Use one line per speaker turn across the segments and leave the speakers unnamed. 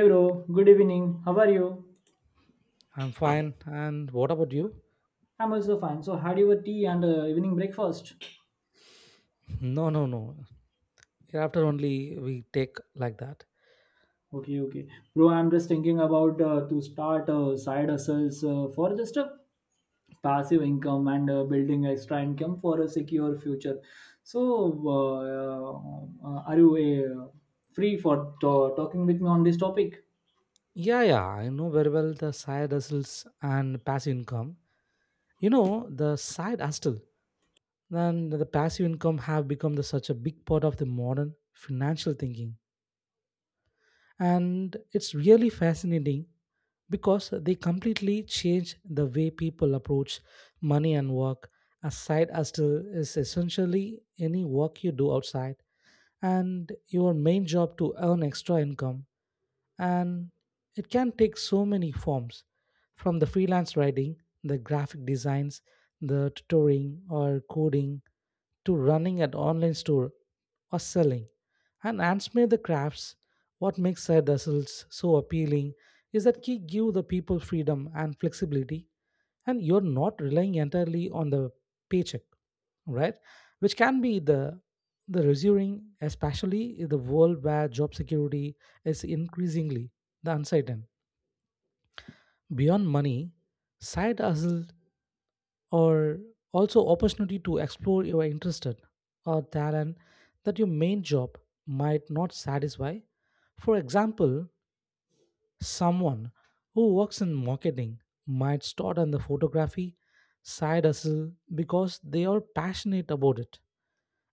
Hey bro, good evening. How are you?
I'm fine. And what about you?
I'm also fine. So had your tea and evening breakfast?
No, no, no. After only we take like that.
Okay, okay, bro. I'm just thinking about to start side hustles for just a passive income and building extra income for a secure future. So are you free for talking with me on this topic?
Yeah, yeah. I know very well the side hustles and passive income. You know, the side hustle and the passive income have become the, such a big part of the modern financial thinking. And it's really fascinating because they completely change the way people approach money and work. A side hustle is essentially any work you do outside and your main job to earn extra income, and it can take so many forms, from the freelance writing, the graphic designs, the tutoring or coding, to running an online store or selling and Ansmay the crafts. What makes side hustles so appealing is that he give the people freedom and flexibility, and you're not relying entirely on the paycheck, right? Which can be the reassuring, especially in the world where job security is increasingly the uncertain. Beyond money, side hustle or also opportunity to explore your interest or talent that your main job might not satisfy. For example, someone who works in marketing might start on the photography side hustle because they are passionate about it.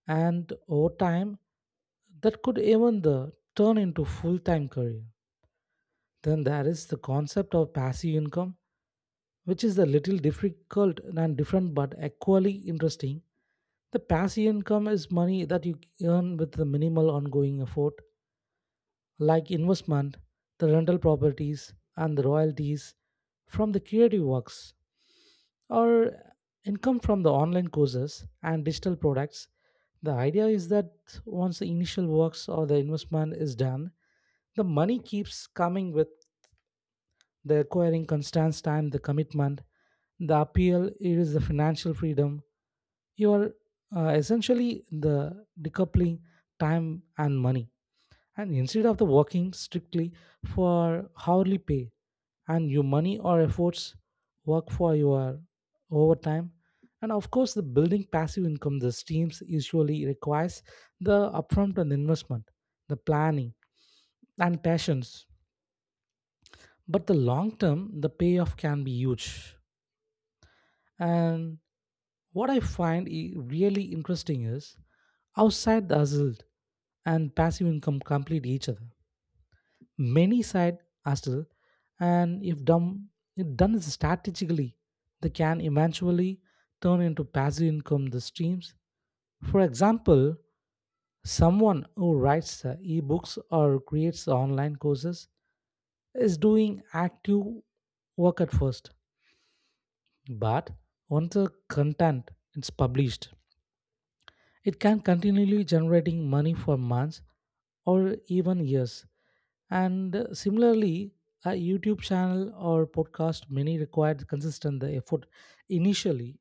And over time, that could even the turn into full-time career. Then there is the concept of passive income, which is a little difficult and different but equally interesting. The passive income is money that you earn with the minimal ongoing effort, like investment, the rental properties, and the royalties from the creative works. Or income from the online courses and digital products. The idea is that once the initial works or the investment is done, the money keeps coming with the acquiring constant time, the commitment, the appeal it is the financial freedom. You are essentially the decoupling time and money. And instead of the working strictly for hourly pay and your money or efforts work for your overtime. And of course, the building passive income, the teams usually requires the upfront and investment, the planning and patience. But the long term, the payoff can be huge. And what I find really interesting is outside the hustle and passive income complete each other. Many side hustle, and if done strategically, they can eventually turn into passive income the streams. For example, someone who writes ebooks or creates online courses is doing active work at first, but once the content is published, it can continually generating money for months or even years. And similarly, a YouTube channel or podcast many required consistent the effort initially,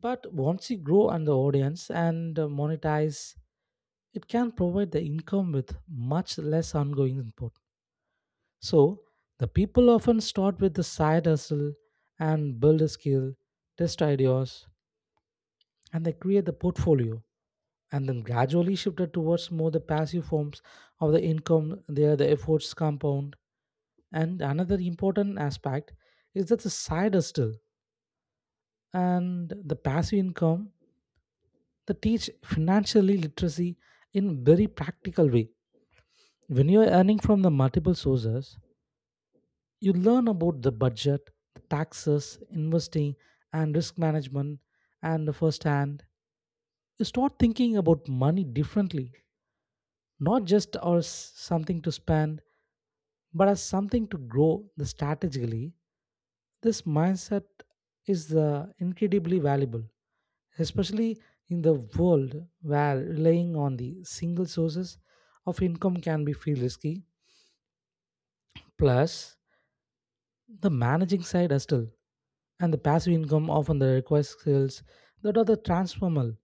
but once you grow on the audience and monetize, it can provide the income with much less ongoing input. So the people often start with the side hustle and build a skill, test ideas, and they create the portfolio, and then gradually shifted towards more the passive forms of the income there the efforts compound. And another important aspect is that the side hustle and the passive income that teach financially literacy in very practical way. When you are earning from the multiple sources, you learn about the budget, taxes, investing, and risk management. And the first hand, you start thinking about money differently, not just as something to spend, but as something to grow the strategically. This mindset is incredibly valuable, especially in the world where relying on the single sources of income can be feel risky. Plus, the managing side as still and the passive income often the requires skills that are the transformal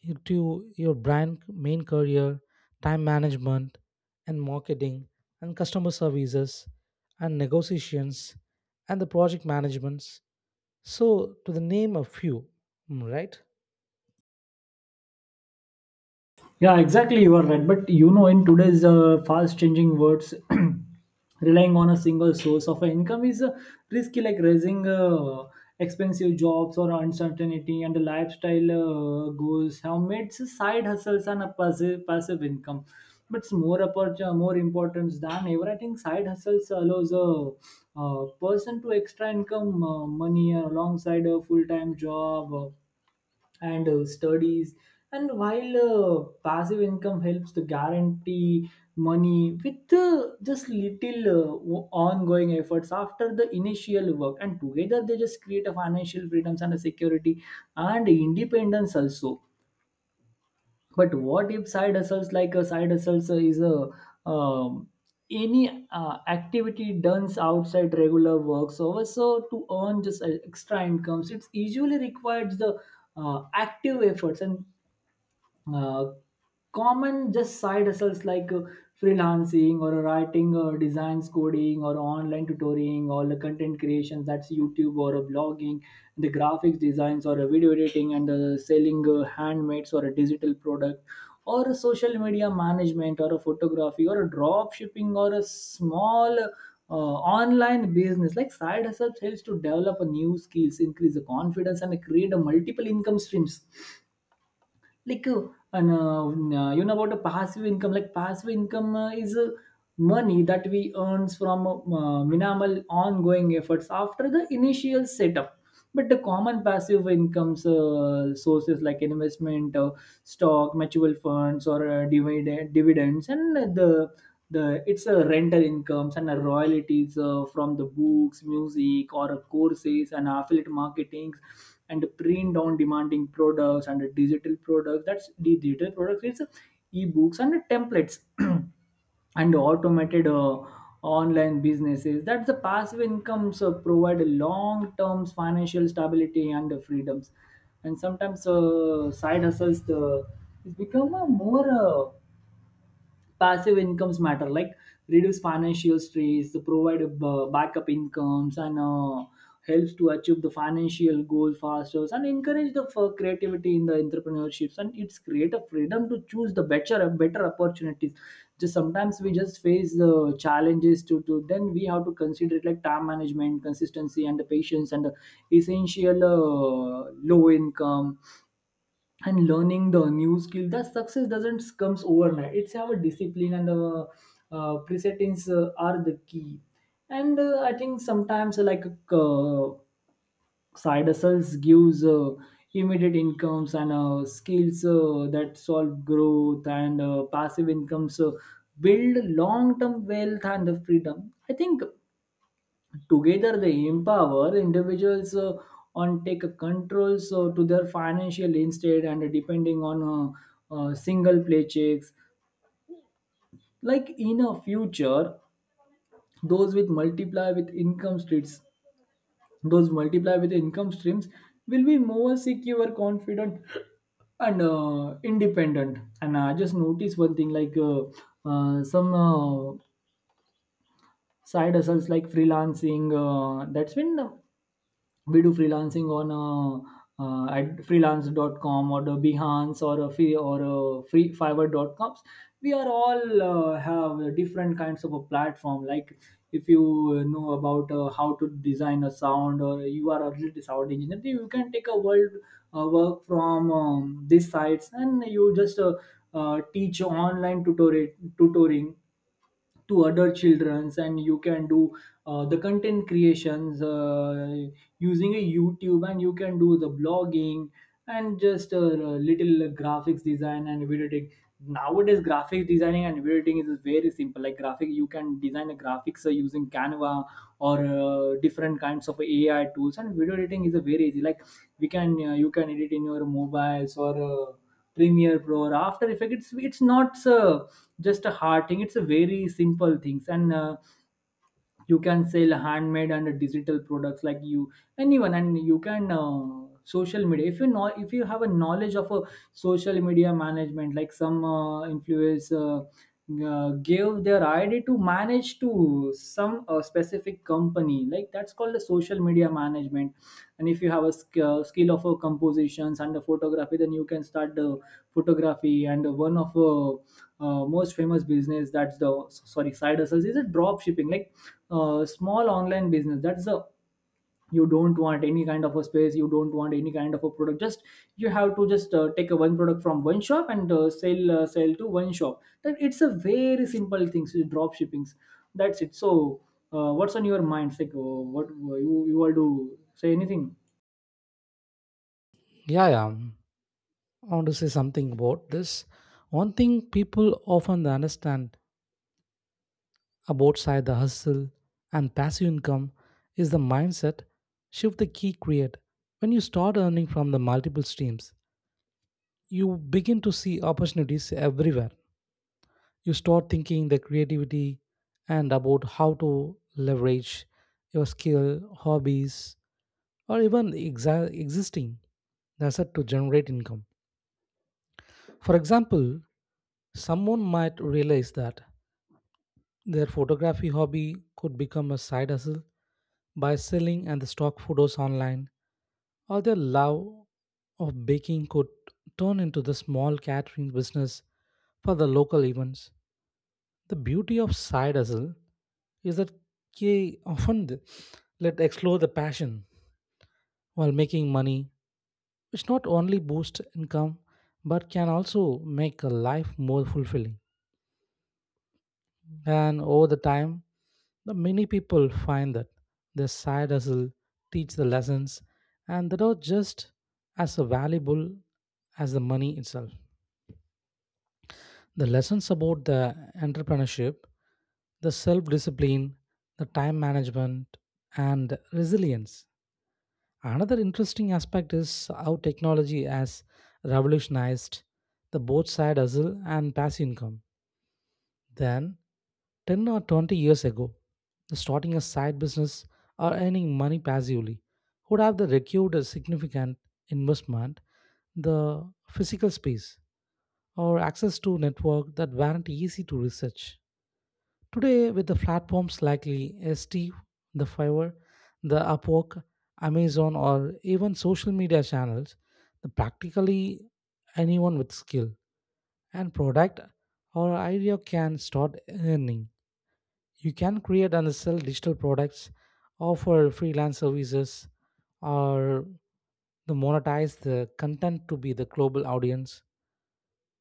you to your brand main career, time management and marketing and customer services and negotiations and the project managements. So to the name a few, right?
Yeah, exactly. You are right. But you know, in today's fast changing words, relying on a single source of income is risky, like raising expensive jobs or uncertainty and lifestyle goals have made side hustles and a passive income. But it's more important than ever. I think side hustles allows a person to extra income money alongside a full time job. And studies and while passive income helps to guarantee money with just little ongoing efforts after the initial work, and together they just create a financial freedoms and a security and independence also. But what if side hustles, like a side hustles is a um, any activity done outside regular work, so also to earn just extra incomes, it's usually requires the active efforts, and uh, common just side hustles like freelancing or writing or designs coding or online tutoring or the content creations, that's YouTube or a blogging, the graphics designs or a video editing and selling handmades or a digital product or a social media management or a photography or a drop shipping or a small online business. Like side hustles helps to develop a new skills, increase the confidence and create a multiple income streams, like and you know about the passive income. Like passive income is money that we earns from minimal ongoing efforts after the initial setup. But the common passive incomes sources like investment stock mutual funds or dividends and the it's a rental incomes and a royalties from the books music or courses and affiliate marketing and print on demanding products and digital products, that's digital products is ebooks and templates, and automated online businesses. That's the passive incomes provide long term financial stability and freedoms. And sometimes side hustles the it's become a more passive incomes matter, like reduce financial stress, provide backup incomes and helps to achieve the financial goal faster and encourage the creativity in the entrepreneurships, and it's create a freedom to choose the better opportunities. Just sometimes we just face the challenges to then we have to consider it, like time management, consistency and the patience and the essential low income and learning the new skill, that success doesn't comes overnight, it's have a discipline and presettings are the key. And I think sometimes uh, side hustles gives immediate incomes and skills that solve growth, and passive incomes build long term wealth and the freedom. I think together, they empower individuals on take controls to their financial instead, and depending on single paychecks. Like in a future, those with multiply with income streams, those multiply with income streams will be more secure, confident, and independent. And I just noticed one thing, like some side hustles like freelancing that's been we do freelancing on at freelance.com or the Behance or a free fiverr.coms. We are all have different kinds of a platform. Like if you know about how to design a sound, or you are already sound engineer, then you can take a world work from these sites. And you just teach online tutorial tutoring to other childrens, and you can do the content creations using a YouTube, and you can do the blogging and just a little graphics design and video editing. Nowadays graphics designing and video editing is very simple. Like graphic, you can design a graphics using Canva or different kinds of AI tools, and video editing is a very easy. Like we can you can edit in your mobiles or Premiere Pro or After Effects. It's not just a hard thing, it's a very simple things. And you can sell handmade and digital products, like you anyone. And you can social media, if you know, if you have a knowledge of a social media management. Like some influencer gave their ID to manage to some specific company, like that's called the social media management. And if you have a skill of compositions and the photography, then you can start the photography. And one of most famous business, that's the sorry side hustles, is a drop shipping, like small online business, that's the you don't want any kind of a space, you don't want any kind of a product, just you have to just take a one product from one shop and sell to one shop, that it's a very simple thing. So drop shippings, that's it. So what's on your mind, like what you all do, say anything?
Yeah, yeah. I want to say something about this. One thing people often understand about side the hustle and passive income is the mindset shift the key create. When you start earning from the multiple streams, you begin to see opportunities everywhere. You start thinking the creativity and about how to leverage your skill hobbies or even existing asset to generate income. For example, someone might realize that their photography hobby could become a side hustle by selling and the stock photos online, or their love of baking could turn into the small catering business for the local events. The beauty of side hustle is that they often let explore the passion while making money, which not only boosts income but can also make a life more fulfilling. And over the time, the many people find that their side hustle teach the lessons, and that are just as valuable as the money itself. The lessons about the entrepreneurship, the self discipline, the time management, and resilience. Another interesting aspect is how technology has revolutionized the both side hustle and passive income. Then, 10 or 20 years ago, starting a side business or earning money passively would have the required a significant investment, the physical space, or access to network that weren't easy to research. Today, with the platforms like Steve, the Fiverr, the Upwork, Amazon, or even social media channels, the practically anyone with skill and product or idea can start earning. You can create and sell digital products, offer freelance services, or the monetize the content to be the global audience,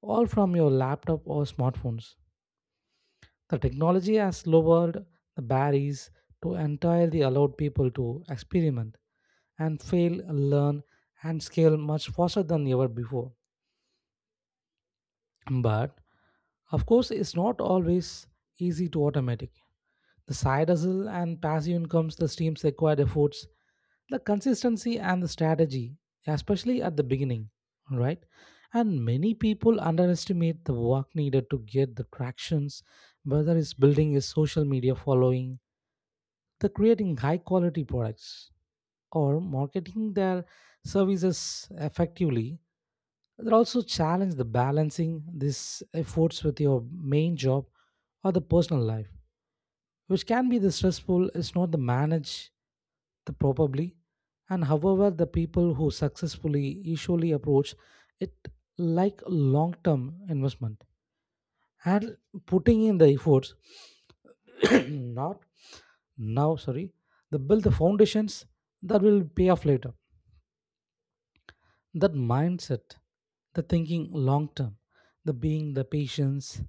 all from your laptop or smartphones. The technology has lowered the barriers to entirely allowed people to experiment and fail, learn, and scale much faster than ever before. But of course, it's not always easy to automatic. The side hustle and passive incomes, the streams required efforts, the consistency and the strategy, especially at the beginning, right? And many people underestimate the work needed to get the tractions, whether it's building a social media following, the creating high quality products, or marketing their services effectively. That also challenge the balancing these efforts with your main job or the personal life, which can be the stressful is not the manage the probably. And however the people who successfully usually approach it like long term investment, and putting in the efforts not now sorry, they build the foundations that will pay off later. That mindset, the thinking long term, the being the patience,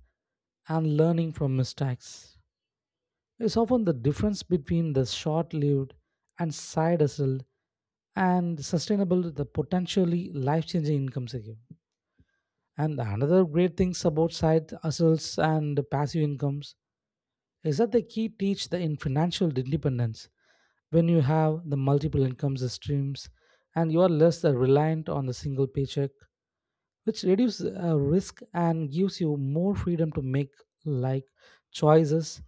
and learning from mistakes, is often the difference between the short lived and side hustle and sustainable the potentially life changing incomes again. And another great things about side hustles and passive incomes is that the key teach the in financial independence? When you have the multiple incomes streams, and you are less reliant on the single paycheck, which reduces risk and gives you more freedom to make like choices,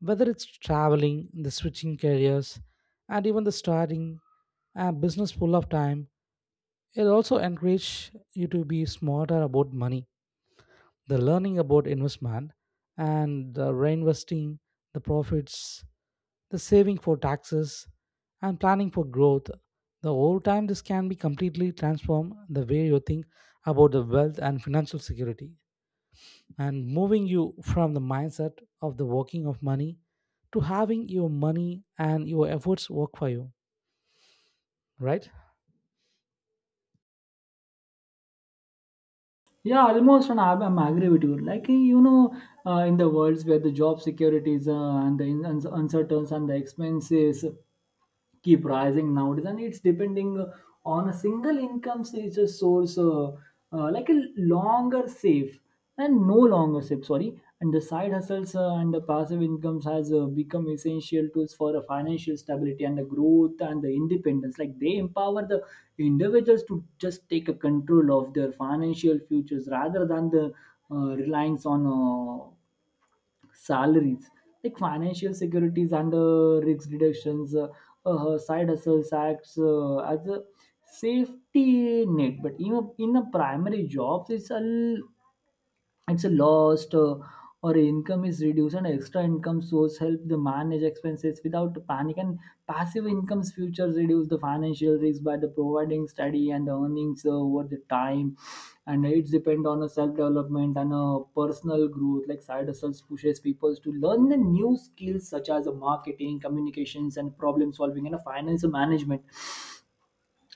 whether it's traveling, the switching careers, and even the starting a business full of time. It also encourages you to be smarter about money, the learning about investment and the reinvesting the profits, the saving for taxes and planning for growth the whole time. This can be completely transform the way you think about the wealth and financial security, and moving you from the mindset of the working of money to having your money and your efforts work for you, right?
Yeah, almost, and I'm agree with you. Like you know, in the worlds where the job securities and the uncertainties and the expenses keep rising nowadays, and it's depending on a single income source like a longer safe, and no longer safe sorry, and the side hustles and the passive incomes has become essential tools for a financial stability and the growth and the independence. Like they empower the individuals to just take a control of their financial futures rather than the reliance on salaries. Like financial securities and risk deductions, side hustles acts as a safety net. But in a primary jobs, it's a lost or income is reduced and extra income source help the manage expenses without panic. And passive incomes futures reduce the financial risk by the providing study and earnings over the time. And it's depend on a self-development and a personal growth. Like side hustles pushes people to learn the new skills, such as a marketing communications and problem solving and a financial management.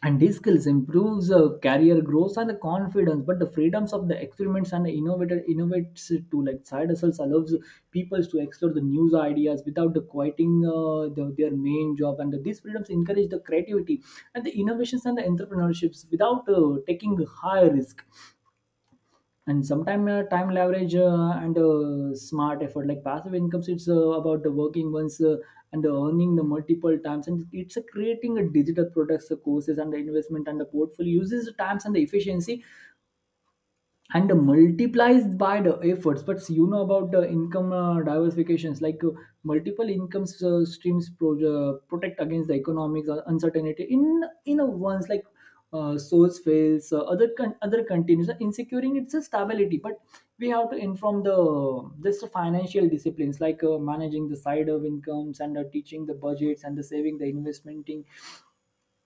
And these skills improves career growth and confidence. But the freedoms of the experiments and innovator innovates to, like side hustles allows people to explore the new ideas without the quitting their main job. And these freedoms encourage the creativity and the innovations and the entrepreneurships without taking high risk. And sometime time leverage and smart effort, like passive incomes it's about the working once and earning the multiple times. And it's creating a digital products courses and the investment and the portfolio uses the times and the efficiency and multiplies by the efforts. But you know about the income diversifications, like multiple income streams protect against the economics uncertainty, in a once. Like source fails, other other continues in securing its a stability. But we have to inform the just financial disciplines, like managing the side of incomes and teaching the budgets and the saving the investing.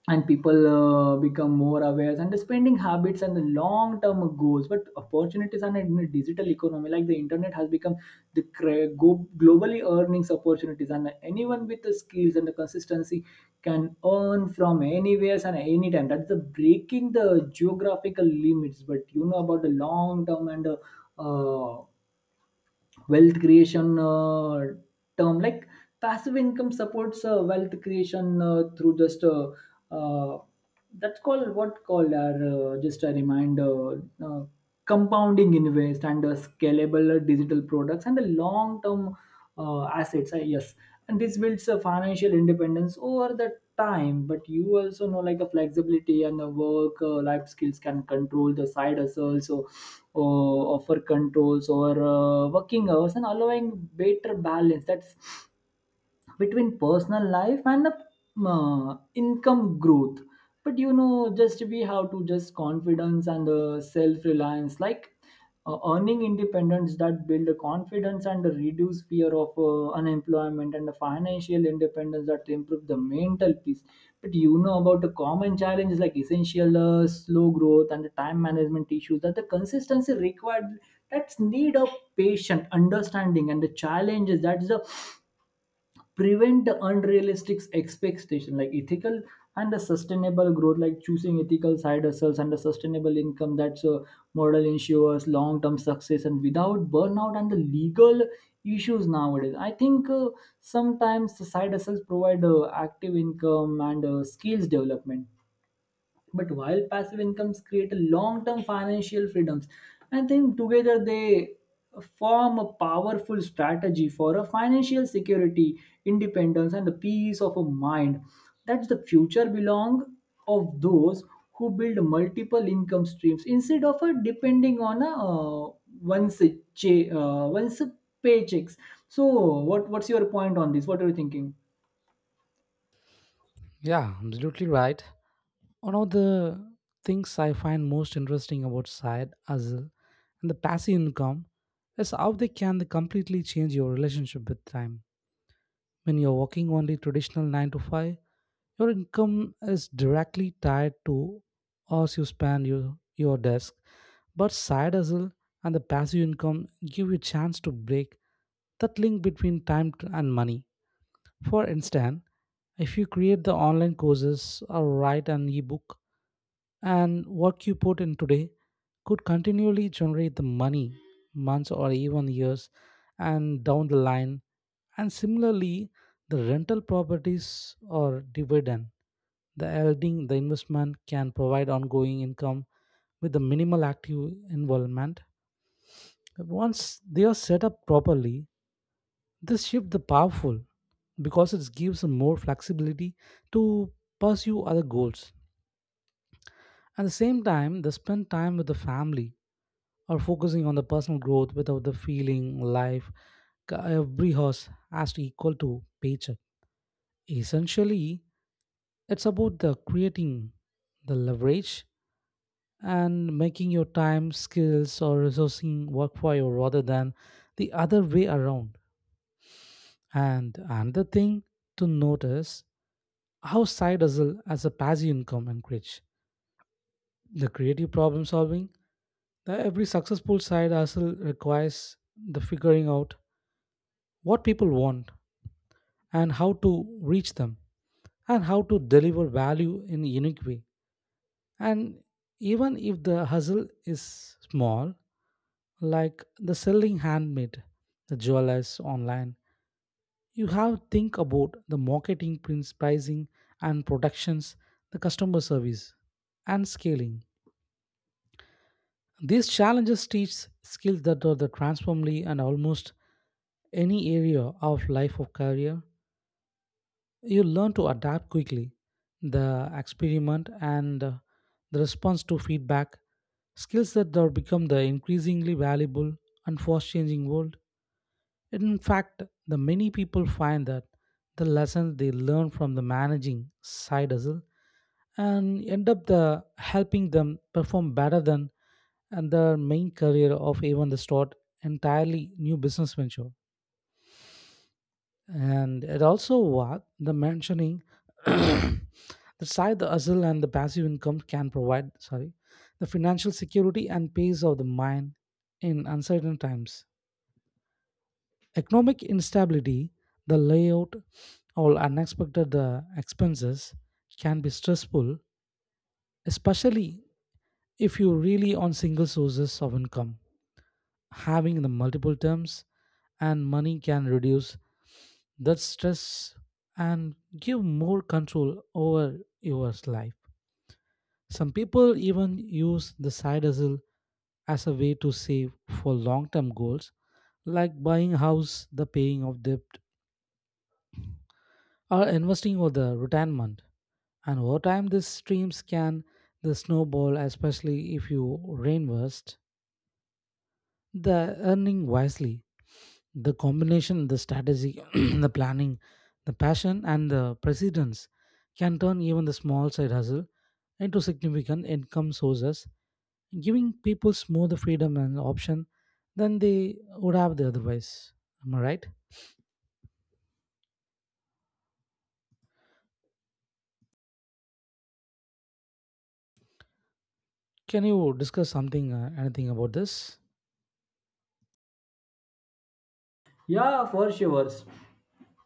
And people become more aware and the spending habits and the long term goals. But opportunities and in a digital economy, like the internet has become the globally earnings opportunities, and anyone with the skills and the consistency can earn from anywhere and anytime, that's the breaking the geographical limits. But you know about the long term and uh, wealth creation term, like passive income supports wealth creation through just uh, that's called what called are just a reminder, compounding invest and scalable digital products and the long term assets, yes. And this builds a financial independence over the time. But you also know like a flexibility and the work life skills can control the side hustles, so uh, offer controls or working hours and allowing better balance, that's between personal life and the income growth. But you know, just we have to just confidence and self reliance. Like earning independence that build a confidence and reduce fear of unemployment, and the financial independence that improve the mental peace. But you know about the common challenges, like essential slow growth and the time management issues that the consistency required, that's need of patient understanding, and the challenges that's the prevent the unrealistic expectation, like ethical and the sustainable growth like Choosing ethical side hustles and the sustainable income, that's a model, ensures long-term success and without burnout and the legal issues. Nowadays I think sometimes the side hustles provide active income and skills development, but while passive incomes create long-term financial freedoms. I think together they form a powerful strategy for a financial security, independence and the peace of a mind. That's the future belong of those who build multiple income streams instead of depending on a once a once a paychecks. So what what's your point on this? What are you thinking?
Yeah, absolutely right. One of the things I find most interesting about side hustle and the passive income is how they can completely change your relationship with time. When you're working only traditional 9 to 5, your income is directly tied to hours you spend your desk. But side hustle and the passive income give you a chance to break that link between time and money. For instance, if you create the online courses or write an ebook, and what you put in today could continually generate the money months or even years and down the line. And similarly, the rental properties or dividend, the holding the investment can provide ongoing income with the minimal active involvement once they are set up properly. This shift the powerful because it gives more flexibility to pursue other goals at the same time they spend time with the family or focusing on the personal growth, without the feeling life every horse has to equal to paycheck. Essentially, it's about the creating the leverage and making your time skills or resourcing work for you rather than the other way around. And another thing to notice how side hustle as a passive income encourage the creative problem solving. The every successful side hustle requires the figuring out what people want and how to reach them and how to deliver value in a unique way. And even if the hustle is small, like the selling handmade, the jewelers online, you have think about the marketing, prints, pricing and productions, the customer service and scaling. These challenges teach skills that are the transformably and almost any area of life or career. You learn to adapt quickly, the experiment and the response to feedback, skills that have become the increasingly valuable and fast changing world. In fact the many people find that the lessons they learn from the managing side hustle and end up the helping them perform better than and their main career of even the start entirely new business venture. And it also what the mentioning the side the hustle and the passive income can provide, sorry, the financial security and peace of the mind in uncertain times, economic instability, the layout, or unexpected expenses can be stressful, especially if you really on single sources of income. Having the multiple terms and money can reduce that stress and give more control over your life. Some people even use the side hustle as a way to save for long term goals, like buying a house, the paying of debt, or investing for the retirement. And over time, these streams can the snowball, especially if you reinvest the earning wisely. The combination the strategy the planning, the passion and the precedence can turn even the small side hustle into significant income sources, giving people more the freedom and option than they would have the otherwise. Am I right? Can you discuss something, anything about this?
Yeah, for sure.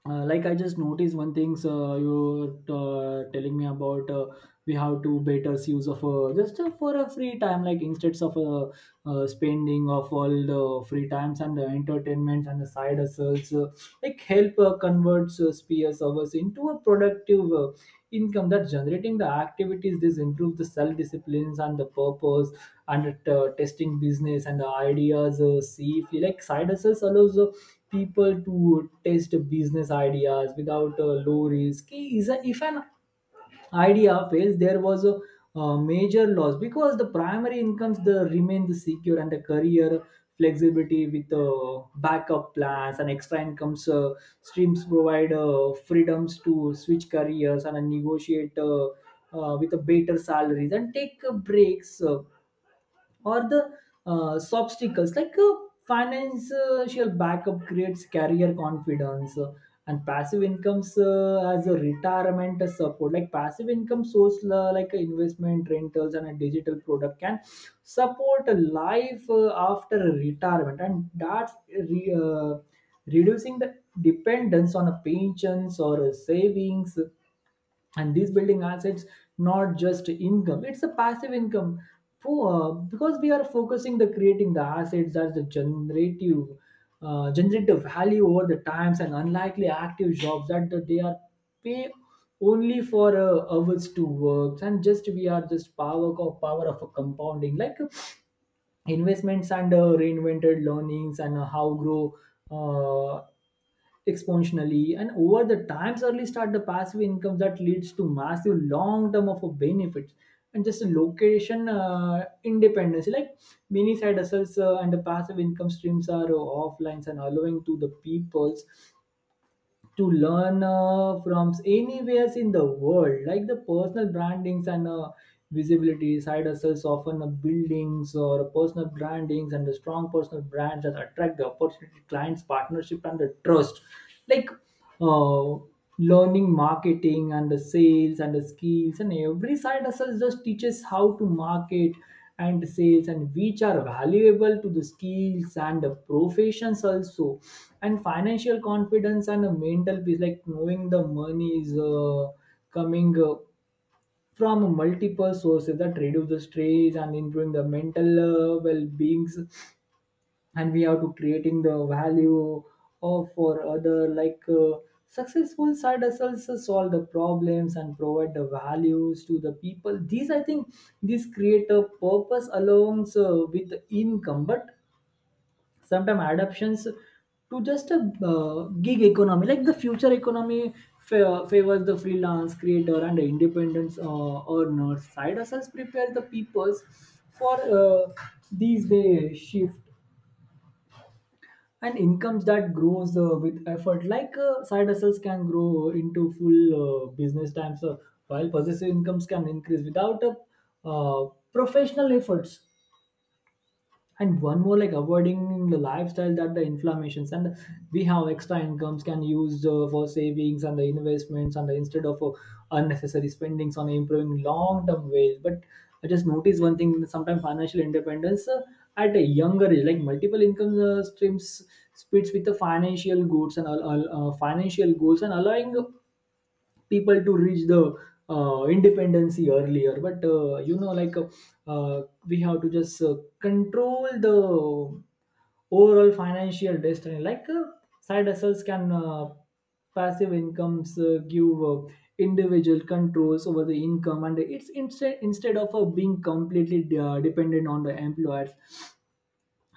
Like, I just noticed one thing, you telling me about, we have to better use of, just, for a free time, like instead of spending of all the free times and the entertainments, and the side hustles like help converts spheres of us into a productive income that generating the activities. This improve the self disciplines and the purpose, and testing business and the ideas, see if you like side hustles allows people to test business ideas without a low risk. Is a, if an idea fails, there was a, uh, major loss because the primary incomes the remain the secure, and the career flexibility with backup plans and extra incomes streams provide freedoms to switch careers and negotiate with a better salaries and take breaks or the obstacles like financial backup creates career confidence, and passive incomes as a retirement support like passive income source, like a investment rentals and a digital product can support a life after a retirement, and that's reducing the dependence on a pensions or a savings. And these building assets, not just income, it's a passive income for, because we are focusing the creating the assets that's the generative value over the times, and unlikely active jobs that they are pay only for hours to work. And just we are just power of a compounding like investments, and reinvented learnings, and how grow uh, exponentially and over the times. Early start the passive income that leads to massive long term of a benefits, and just a location independence, like many side hustles and the passive income streams are offline and allowing to the peoples to learn from anywhere in the world, like the personal brandings and visibility. Side hustles often buildings or personal brandings, and the strong personal brands that attract the opportunity, clients, partnership and the trust, like uh, learning marketing and the sales and the skills, and every side hustle just teaches how to market and sales, and which are valuable to the skills and the professions also. And financial confidence and a mental peace, like knowing the money is coming from multiple sources that reduce the stress and improving the mental well-beings. And we have to creating the value of for other, like successful side hustles solve the problems and provide the values to the people. These, I think these create a purpose along with the income. But sometimes adaptations to just a gig economy, like the future economy favors the freelance creator and the independent earners. Side hustles prepare the peoples for these day shift, and incomes that grows with effort, like side hustles can grow into full business times, while possessive incomes can increase without a professional efforts. And one more, like avoiding the lifestyle that the inflammations, and we have extra incomes can use for savings and the investments, and instead of unnecessary spendings on improving long-term ways. But I just noticed one thing, sometimes financial independence at a younger age, like multiple income streams splits with the financial goods and financial goals, and allowing people to reach the independency earlier. But you know, like we have to just control the overall financial destiny, like side hustles can passive incomes give individual controls over the income, and it's instead instead of being completely dependent on the employer.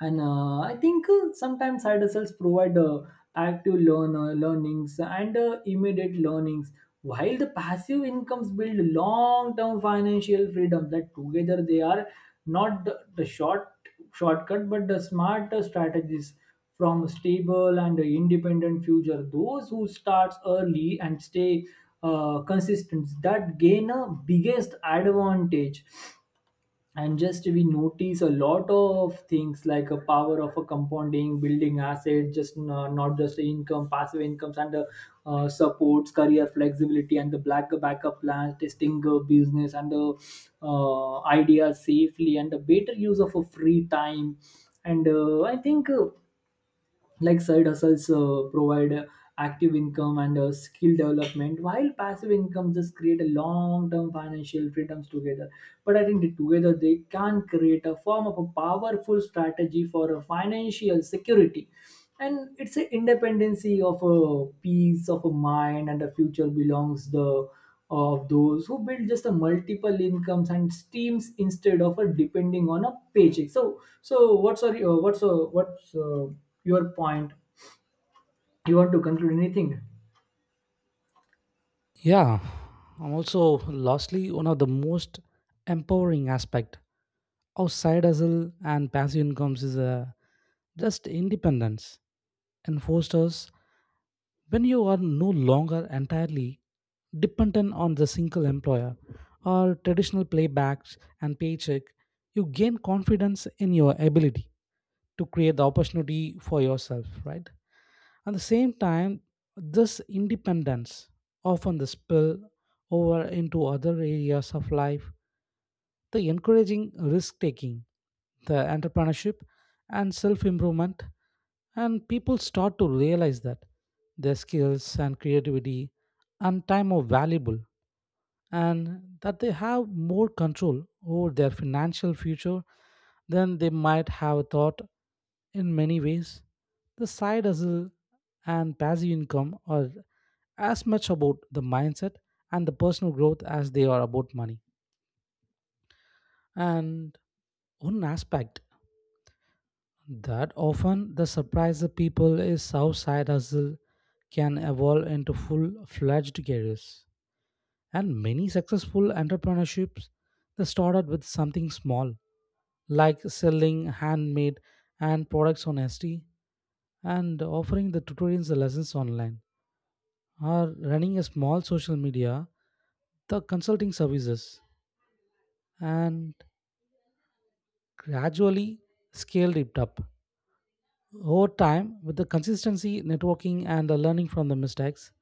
And I think sometimes side hustles provide active learnings and immediate learnings, while the passive incomes build long-term financial freedom, that together they are not the shortcut but the smart strategies from a stable and independent future. Those who starts early and stay consistent that gain a biggest advantage. And just we notice a lot of things, like a power of a compounding, building asset just not just income, passive incomes and supports career flexibility and the black backup plans, testing business and the ideas safely, and a better use of a free time. And I think like side hustles provide active income and skill development, while passive income just create a long-term financial freedoms together. But I think that together they can create a form of a powerful strategy for a financial security, and it's an independency of a peace of a mind. And the future belongs the of those who build just a multiple incomes and streams instead of a depending on a paycheck. So so what's our, what's your point? You want to conclude anything?
Yeah, and also lastly, one of the most empowering aspect of side hustle and passive incomes is a just independence and fosters. When you are no longer entirely dependent on the single employer or traditional playbacks and paycheck, you gain confidence in your ability to create the opportunity for yourself, right? At the same time, this independence often the spill over into other areas of life, the encouraging risk taking, the entrepreneurship, and self improvement. And people start to realize that their skills and creativity and time are valuable and that they have more control over their financial future than they might have thought in many ways. The side hustle and passive income are as much about the mindset and the personal growth as they are about money. And one aspect that often the surprise the people is how side hustle can evolve into full-fledged careers. And many successful entrepreneurships, they started with something small, like selling handmade and products on ST and offering the tutorials and lessons online, or running a small social media, the consulting services, and gradually scaled it up. Over time, with the consistency, networking, and the learning from the mistakes,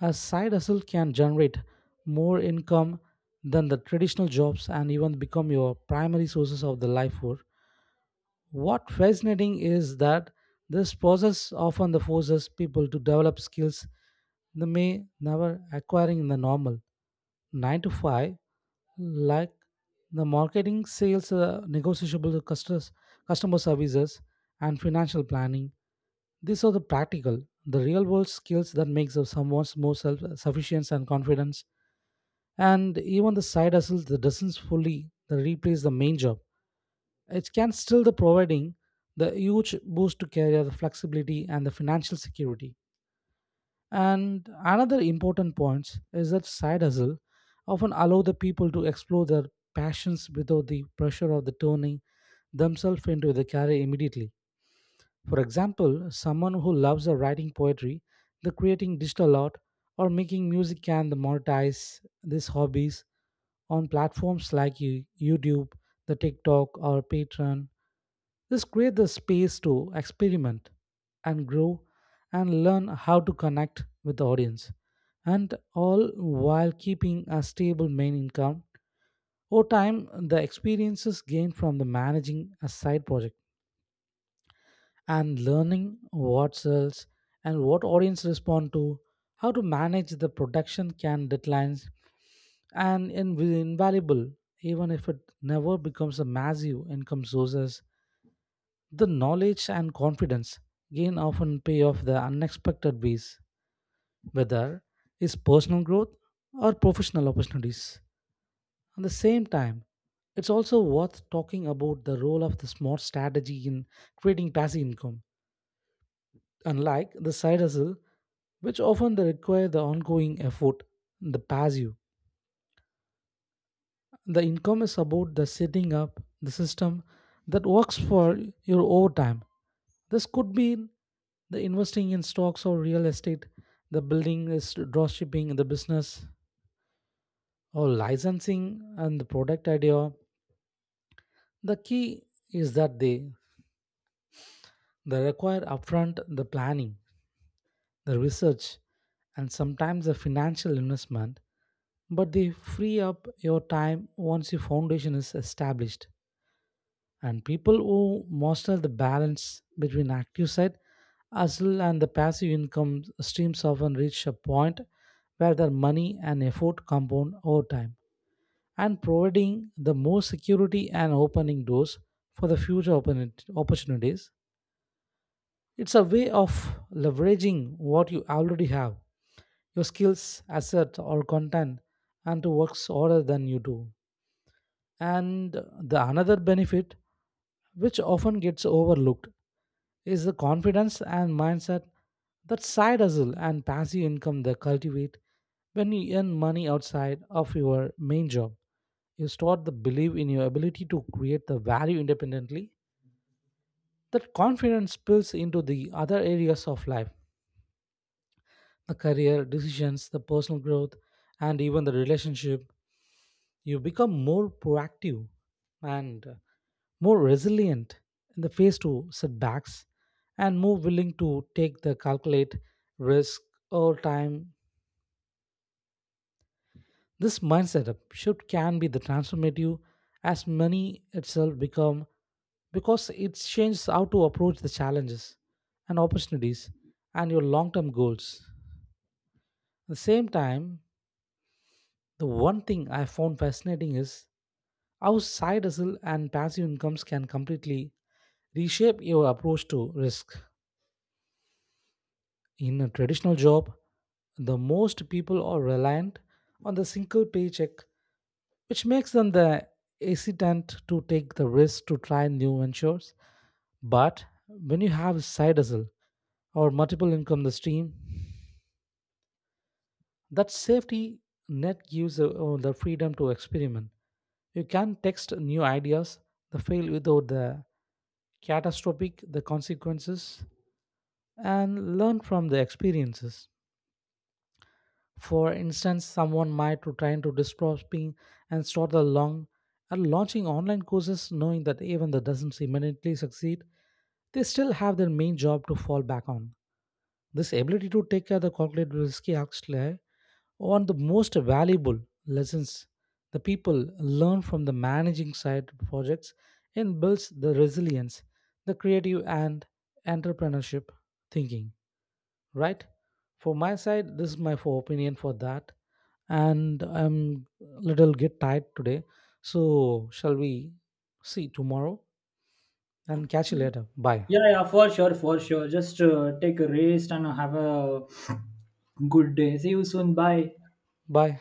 a side hustle can generate more income than the traditional jobs and even become your primary sources of the life work. What fascinating is that this process often the forces people to develop skills they may never acquiring in the normal 9 to 5, like the marketing sales, negotiable customers, customer services and financial planning. These are the practical, the real world skills that makes of someone more self sufficiency and confidence. And even the side hustle that doesn't fully the replace the main job, it can still the providing the huge boost to career the flexibility and the financial security. And another important point is that side hustle often allow the people to explore their passions without the pressure of the turning themselves into the career immediately. For example, someone who loves the writing poetry, the creating digital art, or making music can the monetize these hobbies on platforms like YouTube, the TikTok, or Patreon. This creates the space to experiment and grow and learn how to connect with the audience, and all while keeping a stable main income. Over time, the experiences gained from the managing a side project and learning what sells and what audience respond to, how to manage the production can deadlines and invaluable even if it never becomes a massive income sources. The knowledge and confidence gain often pay off the unexpected ways, whether it's personal growth or professional opportunities. At the same time, it's also worth talking about the role of the smart strategy in creating passive income, unlike the side hustle, which often they require the ongoing effort, the passive. The income is about the setting up the system that works for your overtime. This could be the investing in stocks or real estate, the building is dropshipping, the business or licensing and the product idea. The key is that they require upfront the planning, the research, and sometimes the financial investment, but they free up your time once your foundation is established. And people who master the balance between active side hustle and the passive income streams often reach a point where their money and effort compound over time and providing the more security and opening doors for the future opportunities. It's a way of leveraging what you already have, your skills, asset, or content, and to work harder than you do. And the another benefit, which often gets overlooked, is the confidence and mindset that side hustle and passive income they cultivate. When you earn money outside of your main job, you start to believe in your ability to create the value independently. That confidence spills into the other areas of life, the career decisions, the personal growth, and even the relationship. You become more proactive and more resilient in the face to setbacks and more willing to take the calculate risk over time. This mindset shift can be the transformative as money itself become, because it changes how to approach the challenges and opportunities and your long-term goals. At the same time, the one thing I found fascinating is how side hustle and passive incomes can completely reshape your approach to risk. In a traditional job, the most people are reliant on the single paycheck, which makes them the hesitant to take the risk to try new ventures. But when you have a side hustle or multiple income stream, that safety net gives the freedom to experiment. You can test new ideas, the fail without the catastrophic the consequences, and learn from the experiences. For instance, someone might to trying to disrupting and start the long and launching online courses, knowing that even that doesn't immediately succeed, they still have their main job to fall back on. This ability to take care of the calculated risky actually one of the most valuable lessons the people learn from the managing side projects and builds the resilience, the creative and entrepreneurship thinking. Right? For my side, this is my for opinion for that. And I'm little get tired today. So shall we see tomorrow and catch you later. Bye.
Yeah, yeah, for sure, for sure. Just take a rest and have a good day. See you soon. Bye.
Bye.